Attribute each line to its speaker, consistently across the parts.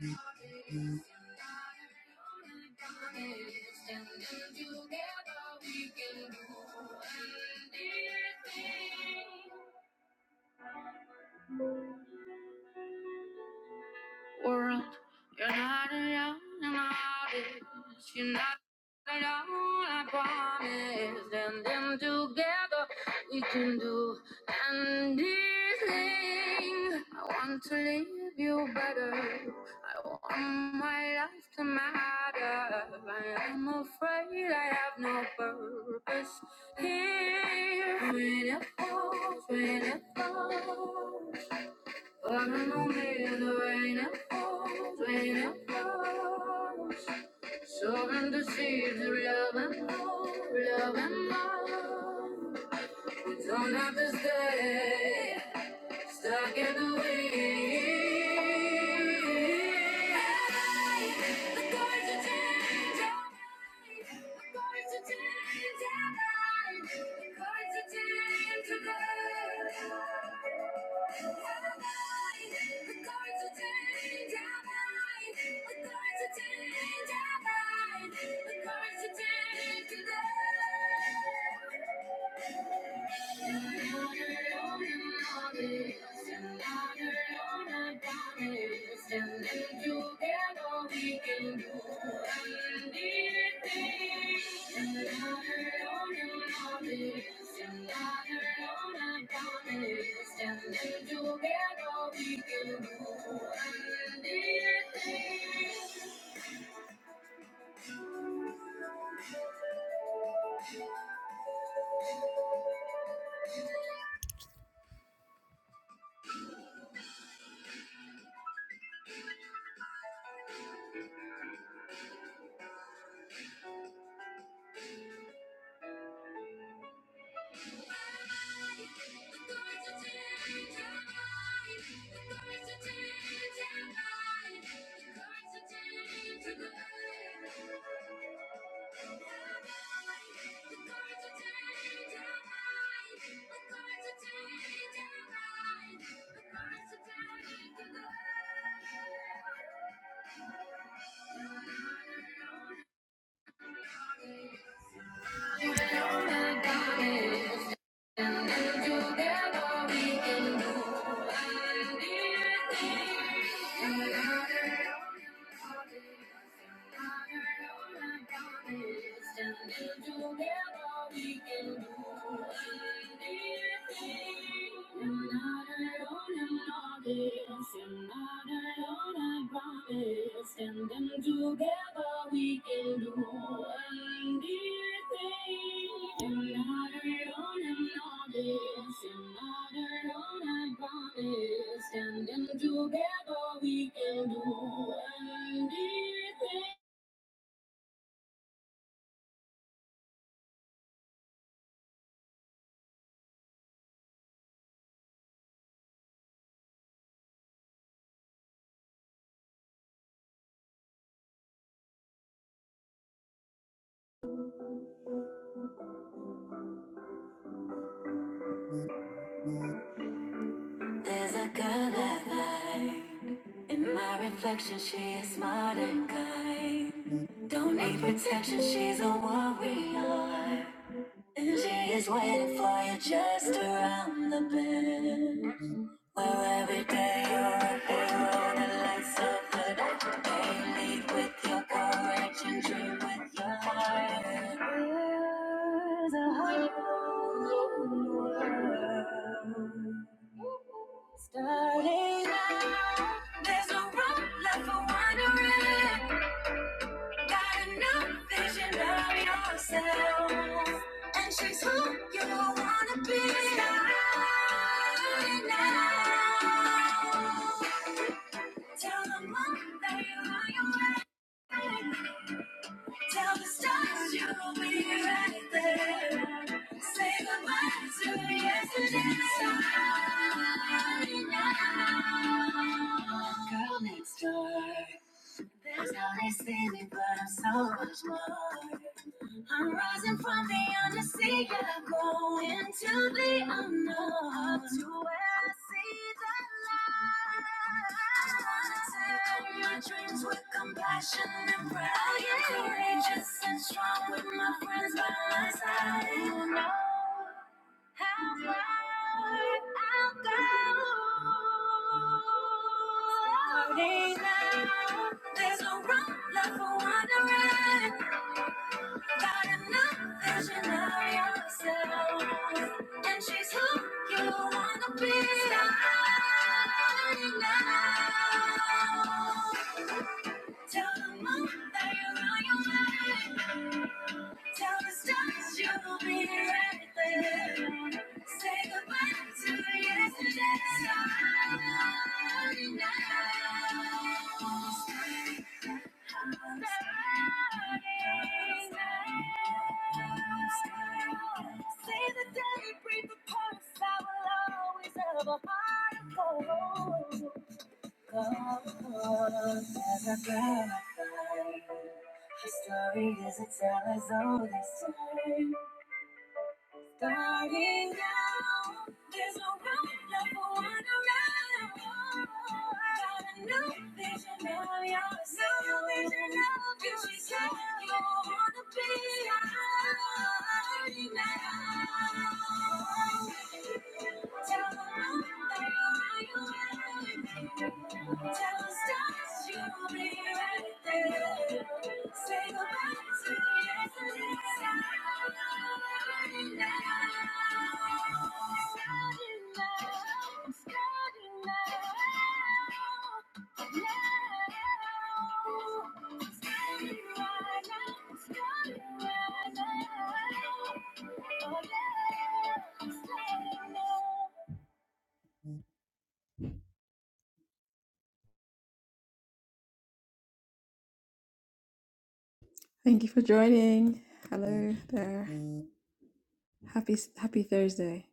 Speaker 1: Standing together, we can do anything. world. You're not alone, I'm honest. You're not alone, I promise. And then together we can do anything. I want to leave you better. I want my life to matter. I am afraid I have no purpose here. When it falls, when it falls. What a moment in the rain and falls, rain and falls. Surrender seeds, of love and more, love and more. You don't have to stay stuck in the wind. I'm not this, I'm not alone, I promise. Standing together, we can do anything. There's a color. light. In my reflection, she is smart and kind. Don't need protection, she's a warrior. And she is waiting for you just around the bend. Where every day you're a hero that lights up the dark day. Lead with your courage and dream with your heart. The hope you They're all left for wandering. Got enough vision beyond. It's who you be. Thank you for joining. Hello there. Happy Happy Thursday.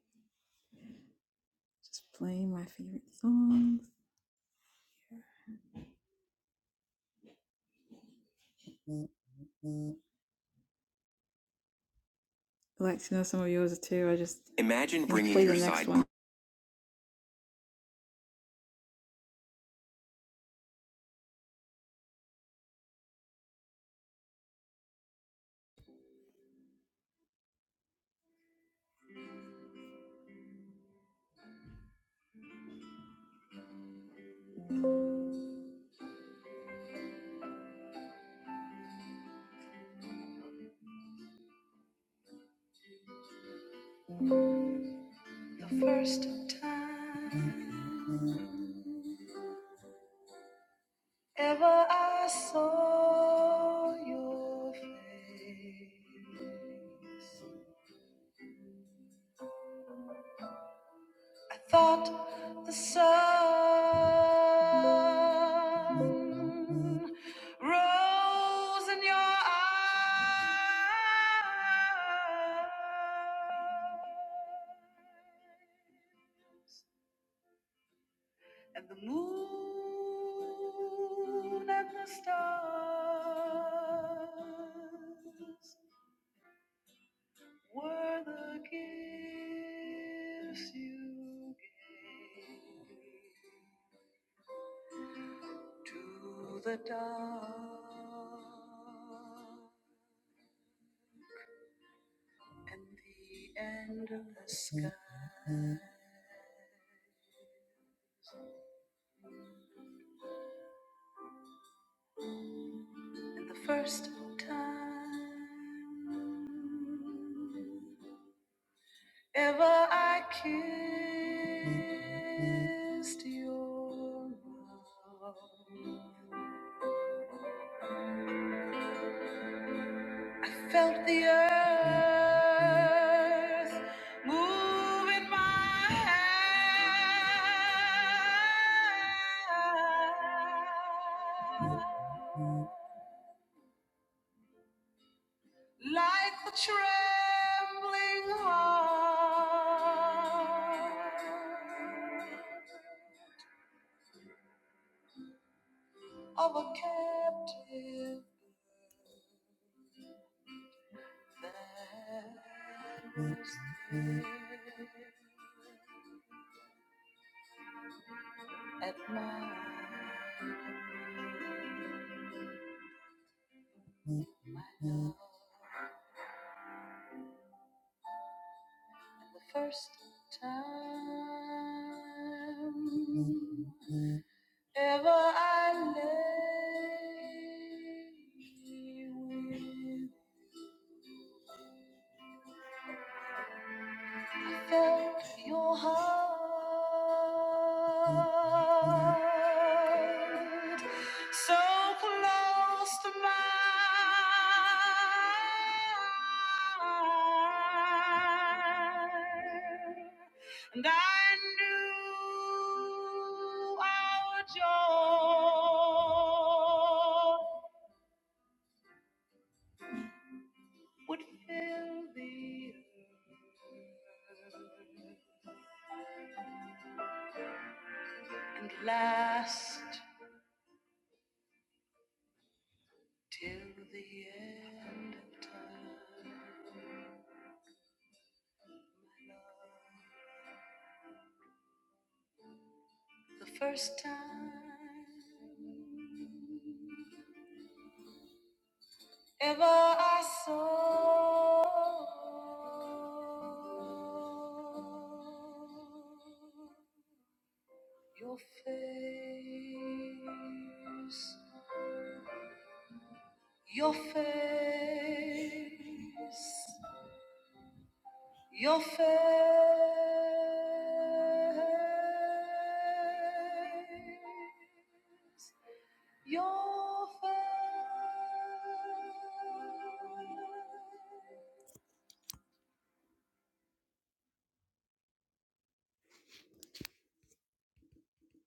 Speaker 1: Just playing my favorite songs. I'd like to know some of yours too. I just imagine gonna bringing play your the next side. one.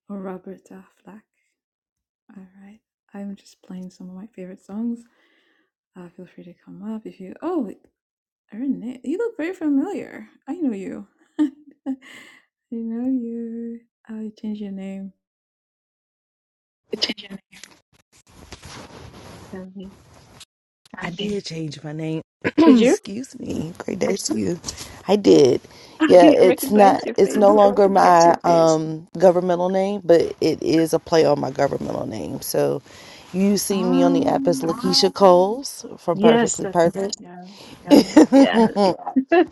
Speaker 1: Oh, Robert Affleck. All right. I'm just playing some of my favorite songs. Uh, feel free to come up if you. Oh, Renee, you look very familiar. I know you. I know you. Oh, you changed your name.
Speaker 2: I did change my name.
Speaker 1: Did you?
Speaker 2: Excuse me. Great day to you. I did.
Speaker 1: I
Speaker 2: Yeah, it's not
Speaker 1: recognize your
Speaker 2: it's
Speaker 1: face.
Speaker 2: no longer my um governmental name, but it is a play on my governmental name. So you see me on the app as
Speaker 1: Um,
Speaker 2: Lakeisha Coles from
Speaker 1: yes,
Speaker 2: Perfectly
Speaker 1: that,
Speaker 2: Perfect.
Speaker 1: yeah, yeah, yeah.
Speaker 2: but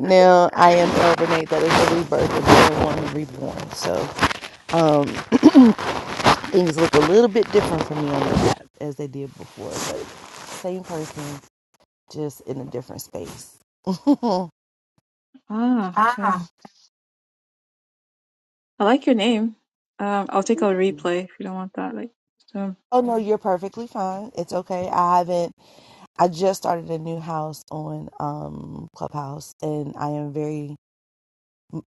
Speaker 2: now I am El Renee. That is the rebirth of being one, reborn. So um things look a little bit different for me on the app as they did before, but same person, just in a different space. oh
Speaker 1: Ah, yeah. I like your name. Um, I'll take a replay if you don't want that. Like, so
Speaker 2: no, you're perfectly fine. It's okay. I haven't I just started a new house on um Clubhouse and I am very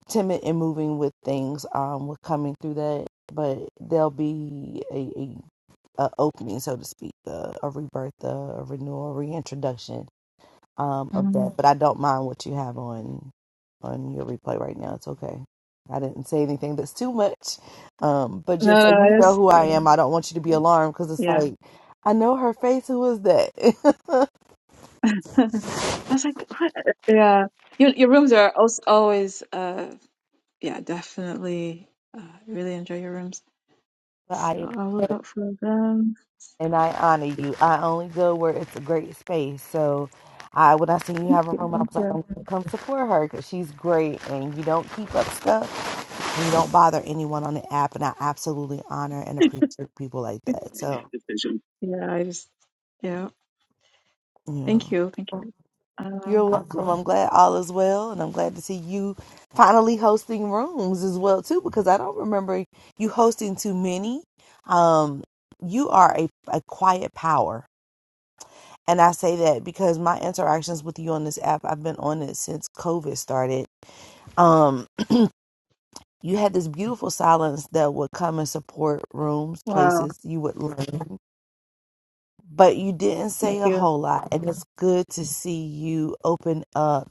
Speaker 2: timid in moving with things um with coming through that, but there'll be a, a, a opening so to speak, a, a rebirth, a, a renewal, a reintroduction um of that,
Speaker 1: mm.
Speaker 2: but I don't mind what you have on on your replay right now. It's okay. I didn't say anything that's too much. Um, but just so
Speaker 1: no, no,
Speaker 2: you
Speaker 1: I
Speaker 2: know
Speaker 1: just
Speaker 2: who I am, I don't want you to be alarmed because it's
Speaker 1: yeah.
Speaker 2: like I know her face. Who is that? but
Speaker 1: I was like, what? Yeah, your your rooms are also always uh, yeah, definitely. Uh, I really enjoy your rooms, so
Speaker 2: I
Speaker 1: I'll look
Speaker 2: appreciate
Speaker 1: out for them.
Speaker 2: and I honor you. I only go where it's a great space. So I when I seen you have a room, I
Speaker 1: Thank
Speaker 2: was like,
Speaker 1: you.
Speaker 2: I'm gonna come support her because she's great, and you don't keep up stuff, and you don't bother anyone on the app, and I absolutely honor and appreciate people like that. So
Speaker 1: Yeah, I just, yeah.
Speaker 2: yeah.
Speaker 1: Thank you. Thank you.
Speaker 2: You're welcome. I'm glad all is well, and I'm glad to see you finally hosting rooms as well too, because I don't remember you hosting too many. Um, you are a, a quiet power, and I say that because my interactions with you on this app, I've been on it since COVID started. Um, you had this beautiful silence that would come and support rooms, places you would learn, but you didn't say a whole lot, and it's good to see you open up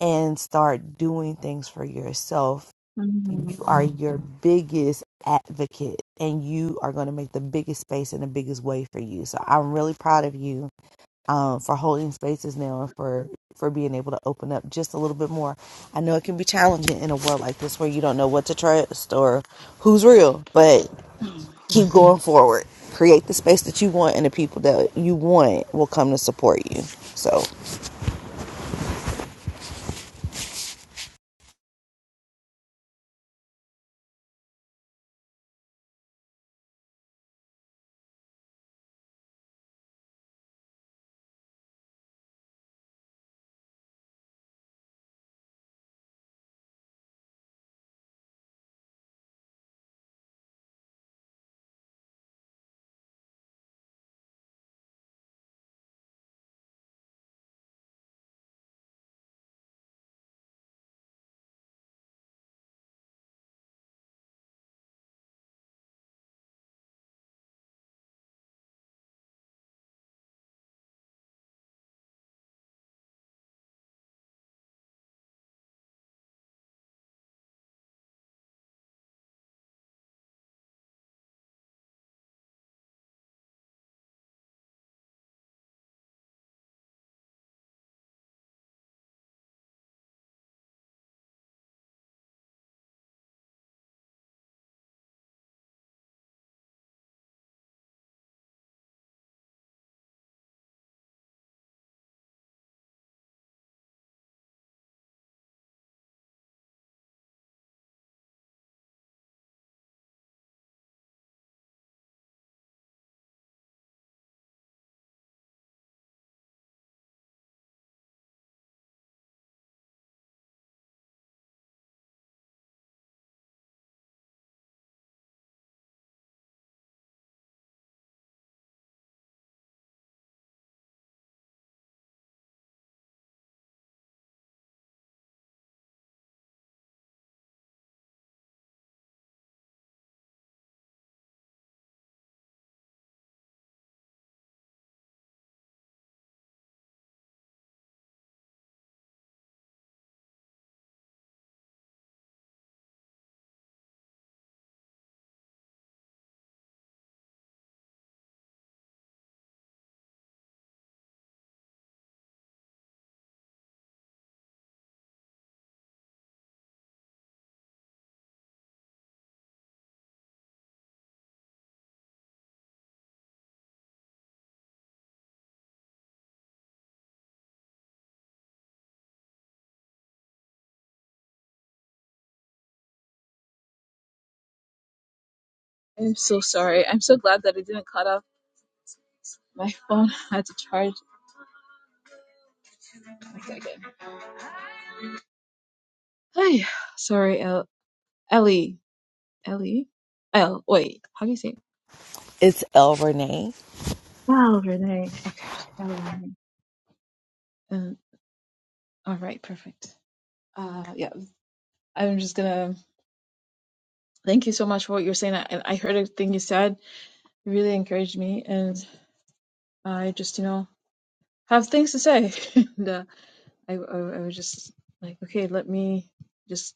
Speaker 2: and start doing things for yourself.
Speaker 1: Mm.
Speaker 2: You are your biggest advocate and you are going to make the biggest space and the biggest way for you. So I'm really proud of you um, for holding spaces now and for, for being able to open up just a little bit more. I know it can be challenging in a world like this where you don't know what to trust or who's real, but keep going forward. Create the space that you want and the people that you want will come to support you. So
Speaker 1: I'm so sorry. I'm so glad that I didn't cut off my phone. I had to charge. One second. Hi. Sorry, El- Ellie. Ellie? El. Wait. How do you say it?
Speaker 2: it's El Renee.
Speaker 1: Wow, Renee. Okay. Wow, Renee. Um, all right. Perfect. Uh, yeah. I'm just gonna thank you so much for what you're saying. I, and I heard everything you said. You really encouraged me, and I just, you know. have things to say. and uh, I, I I was just like, okay, let me just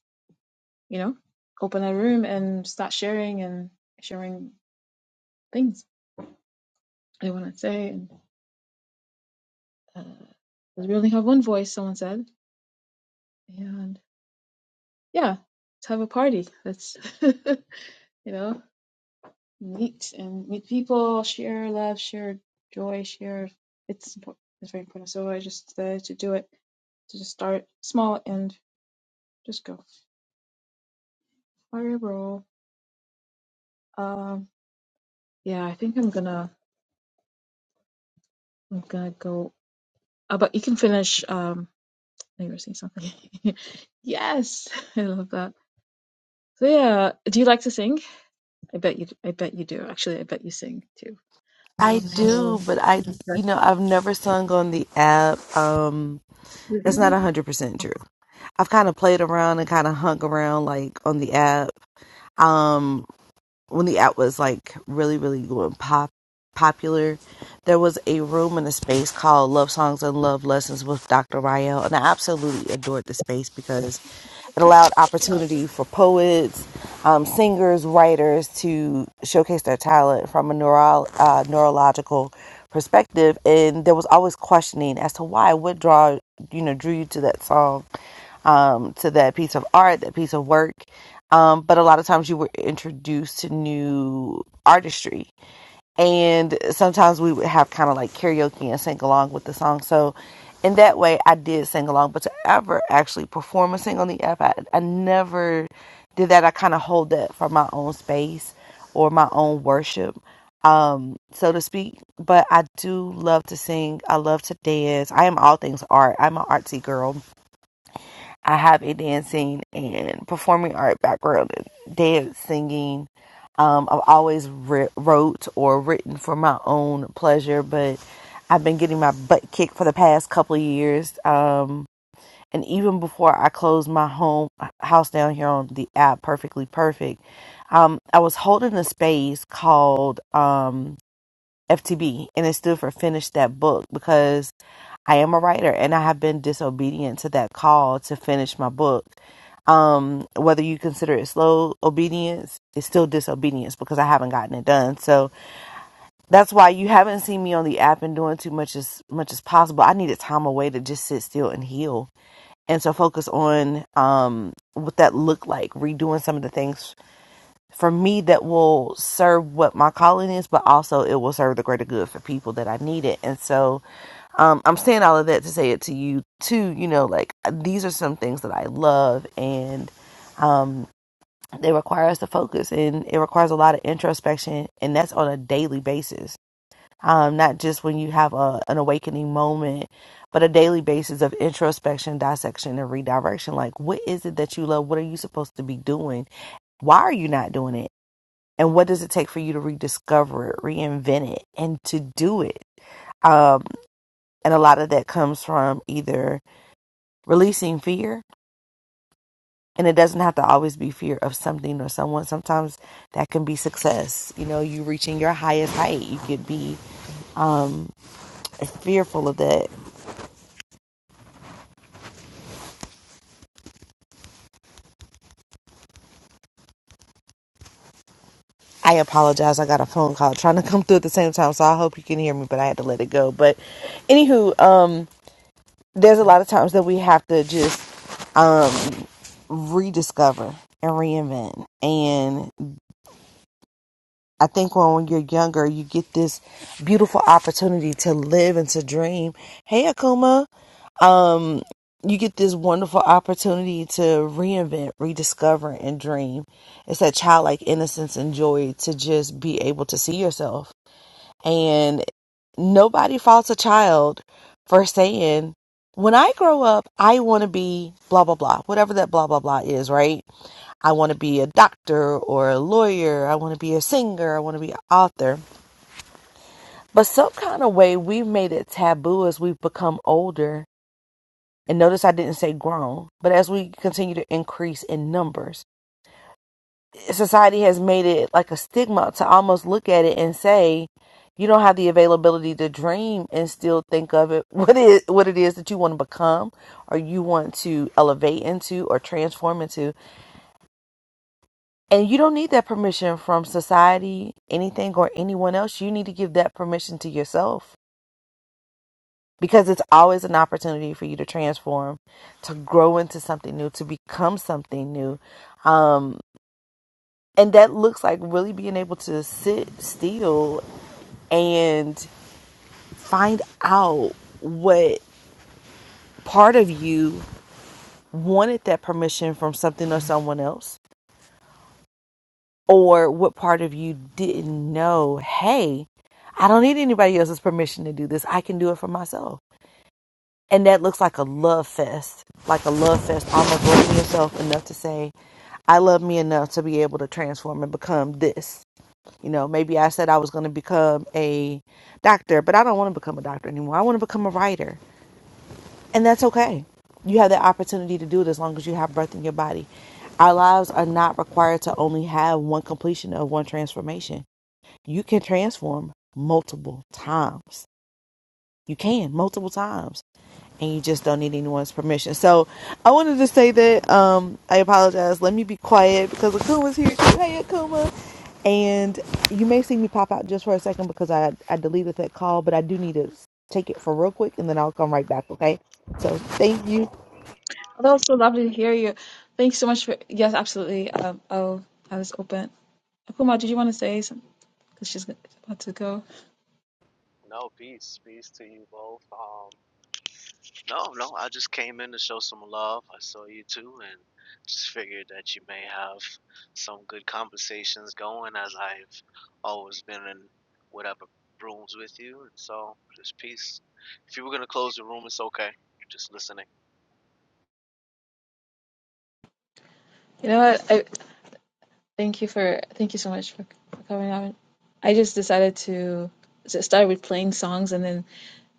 Speaker 1: you know open a room and start sharing and sharing things I want to say. And uh, 'cause we only have one voice, someone said, and yeah, let's have a party. Let's you know meet and meet people, share love, share joy, share. It's important. It's very important. So I just decided to do it to just start small and just go fire roll. Um, Yeah, I think I'm gonna I'm gonna go. Uh, but you can finish. Um, I think you were saying something. yes, I love that. So yeah, do you like to sing? I bet you. I bet you do. Actually, I bet you sing too.
Speaker 2: I
Speaker 1: I
Speaker 2: do,
Speaker 1: will.
Speaker 2: but I, you
Speaker 1: That's
Speaker 2: know, I've never sung on the app. Um, that's not a hundred percent true. I've kind of played around and kind of hung around like on the app. Um, when the app was like really, really going pop popular, there was a room in a space called Love Songs and Love Lessons with Dr. Rael, and I absolutely adored the space because it allowed opportunity for poets, um, singers, writers to showcase their talent from a neuro- uh, neurological perspective. And there was always questioning as to why, what draw you know drew you to that song um, to that piece of art, that piece of work. Um, but a lot of times you were introduced to new artistry. And sometimes we would have kind of like karaoke and sing along with the song. So in that way, I did sing along. But to ever actually perform a sing on the app, I, I never did that. I kind of hold that for my own space or my own worship, um, so to speak. But I do love to sing. I love to dance. I am all things art. I'm an artsy girl I have a dancing and performing art background dance, singing. Um, I've always wri- wrote or written for my own pleasure, but I've been getting my butt kicked for the past couple of years. Um, and even before I closed my home house down here on the app, Perfectly Perfect, um, I was holding a space called um, FTB, and it stood for Finish That Book because I am a writer and I have been disobedient to that call to finish my book. Um, whether you consider it slow obedience, it's still disobedience because I haven't gotten it done. So that's why you haven't seen me on the app and doing too much as much as possible. I needed time away to just sit still and heal. And so focus on um what that looked like, redoing some of the things for me that will serve what my calling is, but also it will serve the greater good for people that I need it. And so um, I'm saying all of that to say it to you too. You know, like uh, these are some things that I love, and um, they require us to focus, and it requires a lot of introspection, and that's on a daily basis. Um, not just when you have a, an awakening moment, but a daily basis of introspection, dissection, and redirection. Like, what is it that you love? What are you supposed to be doing? Why are you not doing it? And what does it take for you to rediscover it, reinvent it, and to do it? Um, and a lot of that comes from either releasing fear and it doesn't have to always be fear of something or someone sometimes that can be success you know you reaching your highest height you could be um fearful of that i apologize i got a phone call trying to come through at the same time so i hope you can hear me but i had to let it go but anywho um there's a lot of times that we have to just um rediscover and reinvent. And I think when, when you're younger, you get this beautiful opportunity to live and to dream. Hey, Akuma. um, you get this wonderful opportunity to reinvent, rediscover, and dream. It's that childlike innocence and joy to just be able to see yourself. And nobody faults a child for saying, when I grow up, I want to be blah, blah, blah, whatever that blah, blah, blah is, right? I want to be a doctor or a lawyer. I want to be a singer. I want to be an author. But some kind of way we've made it taboo as we've become older and notice I didn't say grown, but as we continue to increase in numbers, society has made it like a stigma to almost look at it and say, you don't have the availability to dream and still think of it what is what it is that you want to become or you want to elevate into or transform into and you don't need that permission from society anything or anyone else you need to give that permission to yourself because it's always an opportunity for you to transform, to grow into something new, to become something new. Um, and that looks like really being able to sit still and find out what part of you wanted that permission from something or someone else, or what part of you didn't know, hey, I don't need anybody else's permission to do this. I can do it for myself. And that looks like a love fest, like a love fest, almost loving yourself enough to say, I love me enough to be able to transform and become this. You know, maybe I said I was going to become a doctor, but I don't want to become a doctor anymore. I want to become a writer. And that's okay. You have the opportunity to do it as long as you have breath in your body. Our lives are not required to only have one completion of one transformation. You can transform multiple times. You can multiple times and you just don't need anyone's permission. So I wanted to say that um, I apologize. Let me be quiet because Akuma's here too. Hey, Akuma. And you may see me pop out just for a second because I, I deleted that call, but I do need to take it for real quick and then I'll come right back, okay? So thank you.
Speaker 1: Oh, that was so lovely to hear you. Thanks so much for. Yes, absolutely. Um, oh, I was open. Akuma, did you want to say something? Because she's about to go.
Speaker 3: No, peace, peace to you both. Um, no, no, I just came in to show some love. I saw you too, and just figured that you may have some good conversations going, as I've always been in whatever rooms with you. And so, just peace. If you were gonna close the room, it's okay. You're just listening.
Speaker 1: You know what? I thank you for thank you so much for, for coming on. I just decided to s- start with playing songs and then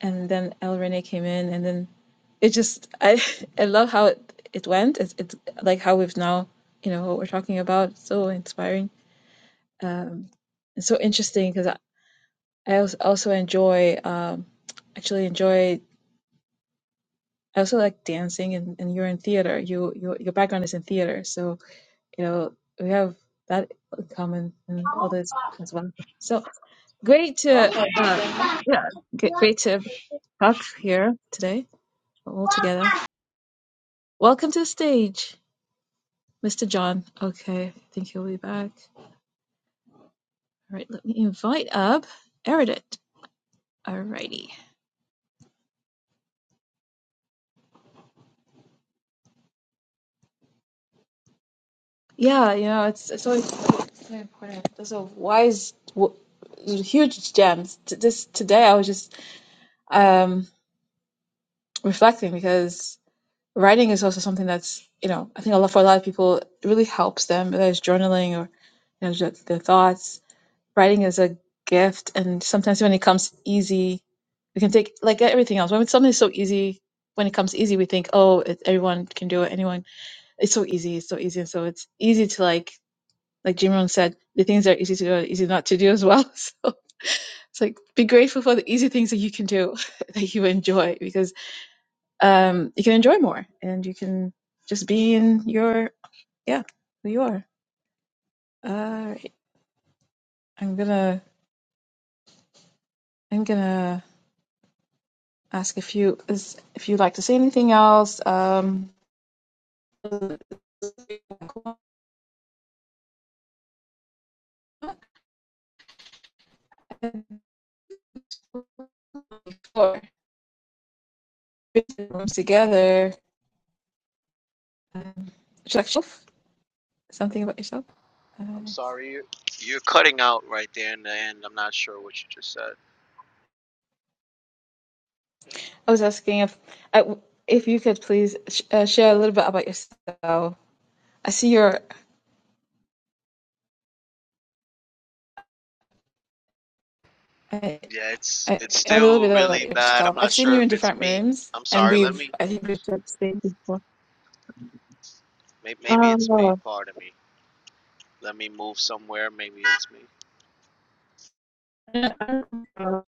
Speaker 1: and then El Rene came in, and then it just I I love how it, it went. It's it's like how we've now you know what we're talking about. It's so inspiring, um, and so interesting because I I als- also enjoy um actually enjoy I also like dancing and, and you're in theater. You your your background is in theater, so you know we have that in common and all this as well. So great to
Speaker 4: Okay.
Speaker 1: uh yeah g- great to talk here today all together. Welcome to the stage, Mr. John. Okay, I think he'll be back. All right, let me invite up Erudit. All righty. Yeah, you know, it's, it's always so important. Those are wise, w- huge gems. T- This today, I was just um, reflecting because writing is also something that's you know I think a lot for a lot of people it really helps them. Whether it's journaling or you know just their thoughts, writing is a gift and sometimes when it comes easy we can take like everything else when something's so easy when it comes easy we think oh it, everyone can do it anyone it's so easy it's so easy and so it's easy to like like jim rohn said the things that are easy to do are easy not to do as well so it's like be grateful for the easy things that you can do that you enjoy because um you can enjoy more and you can just be in your yeah who you are all right i'm gonna i'm gonna ask if you is, if you'd like to say anything else. Um, before rooms together, uh, like something about yourself? Uh,
Speaker 3: I'm sorry, you're, you're cutting out right there in the end. I'm not sure what you just said.
Speaker 1: I was asking if I, if you could please sh- uh, share a little bit about yourself. I see your uh,
Speaker 3: Yeah, it's
Speaker 1: uh,
Speaker 3: it's
Speaker 1: a little
Speaker 3: still
Speaker 1: bit about
Speaker 3: really bad. I'm
Speaker 1: yourself.
Speaker 3: not
Speaker 1: I've seen
Speaker 3: sure
Speaker 1: you in
Speaker 3: if it's
Speaker 1: different
Speaker 3: me.
Speaker 1: rooms,
Speaker 3: I'm
Speaker 1: and
Speaker 3: sorry. Let
Speaker 1: we've
Speaker 3: me.
Speaker 1: I think we've said the same before.
Speaker 3: may- Maybe it's me.
Speaker 1: Oh,
Speaker 3: Pardon me. Let me move somewhere. Maybe it's me.
Speaker 1: I don't I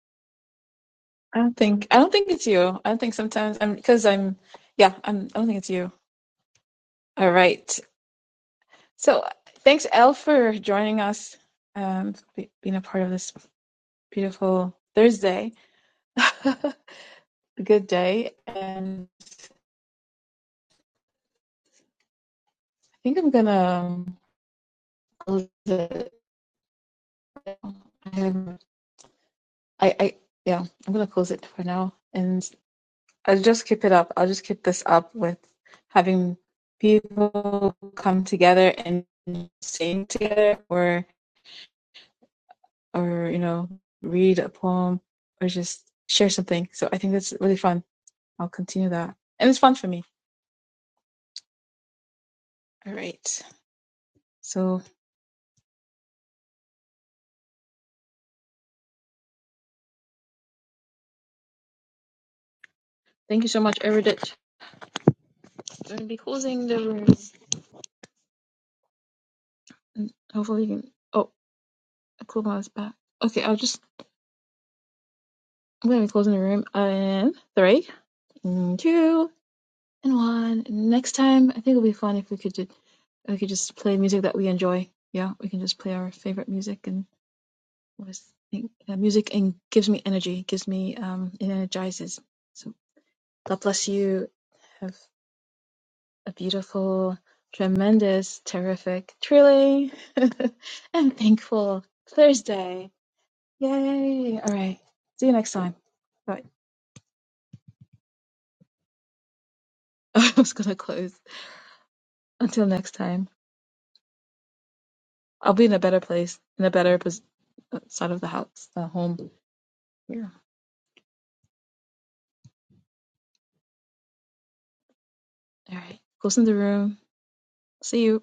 Speaker 1: don't think I don't think it's you. I don't think sometimes I'm because I'm yeah I'm I don't think it's you. All right. So thanks, Elle, for joining us, um, being a part of this beautiful Thursday. Good day. And I think I'm going to close it. Um, I, I, yeah, I'm going to close it for now. And I'll just keep it up. I'll just keep this up with having people come together and sing together or, or, you know, read a poem or just share something. So I think that's really fun. I'll continue that. And it's fun for me. All right. So thank you so much, Eridit. I'm going to be closing the room. And hopefully you can. Oh, Akuma is back. Okay, I'll just. I'm going to be closing the room in three, and two, and one. And Next time, I think it'll be fun if we could do. We could just play music that we enjoy. Yeah, we can just play our favorite music and always think uh, music and gives me energy, gives me um, it energizes. So God bless you. Have a beautiful, tremendous, terrific, thrilling, and thankful Thursday. Yay! All right. See you next time. Bye. I was going to close. Until next time, I'll be in a better place, in a better pos- uh, side of the house, the home here. All right. Closing the room. See you.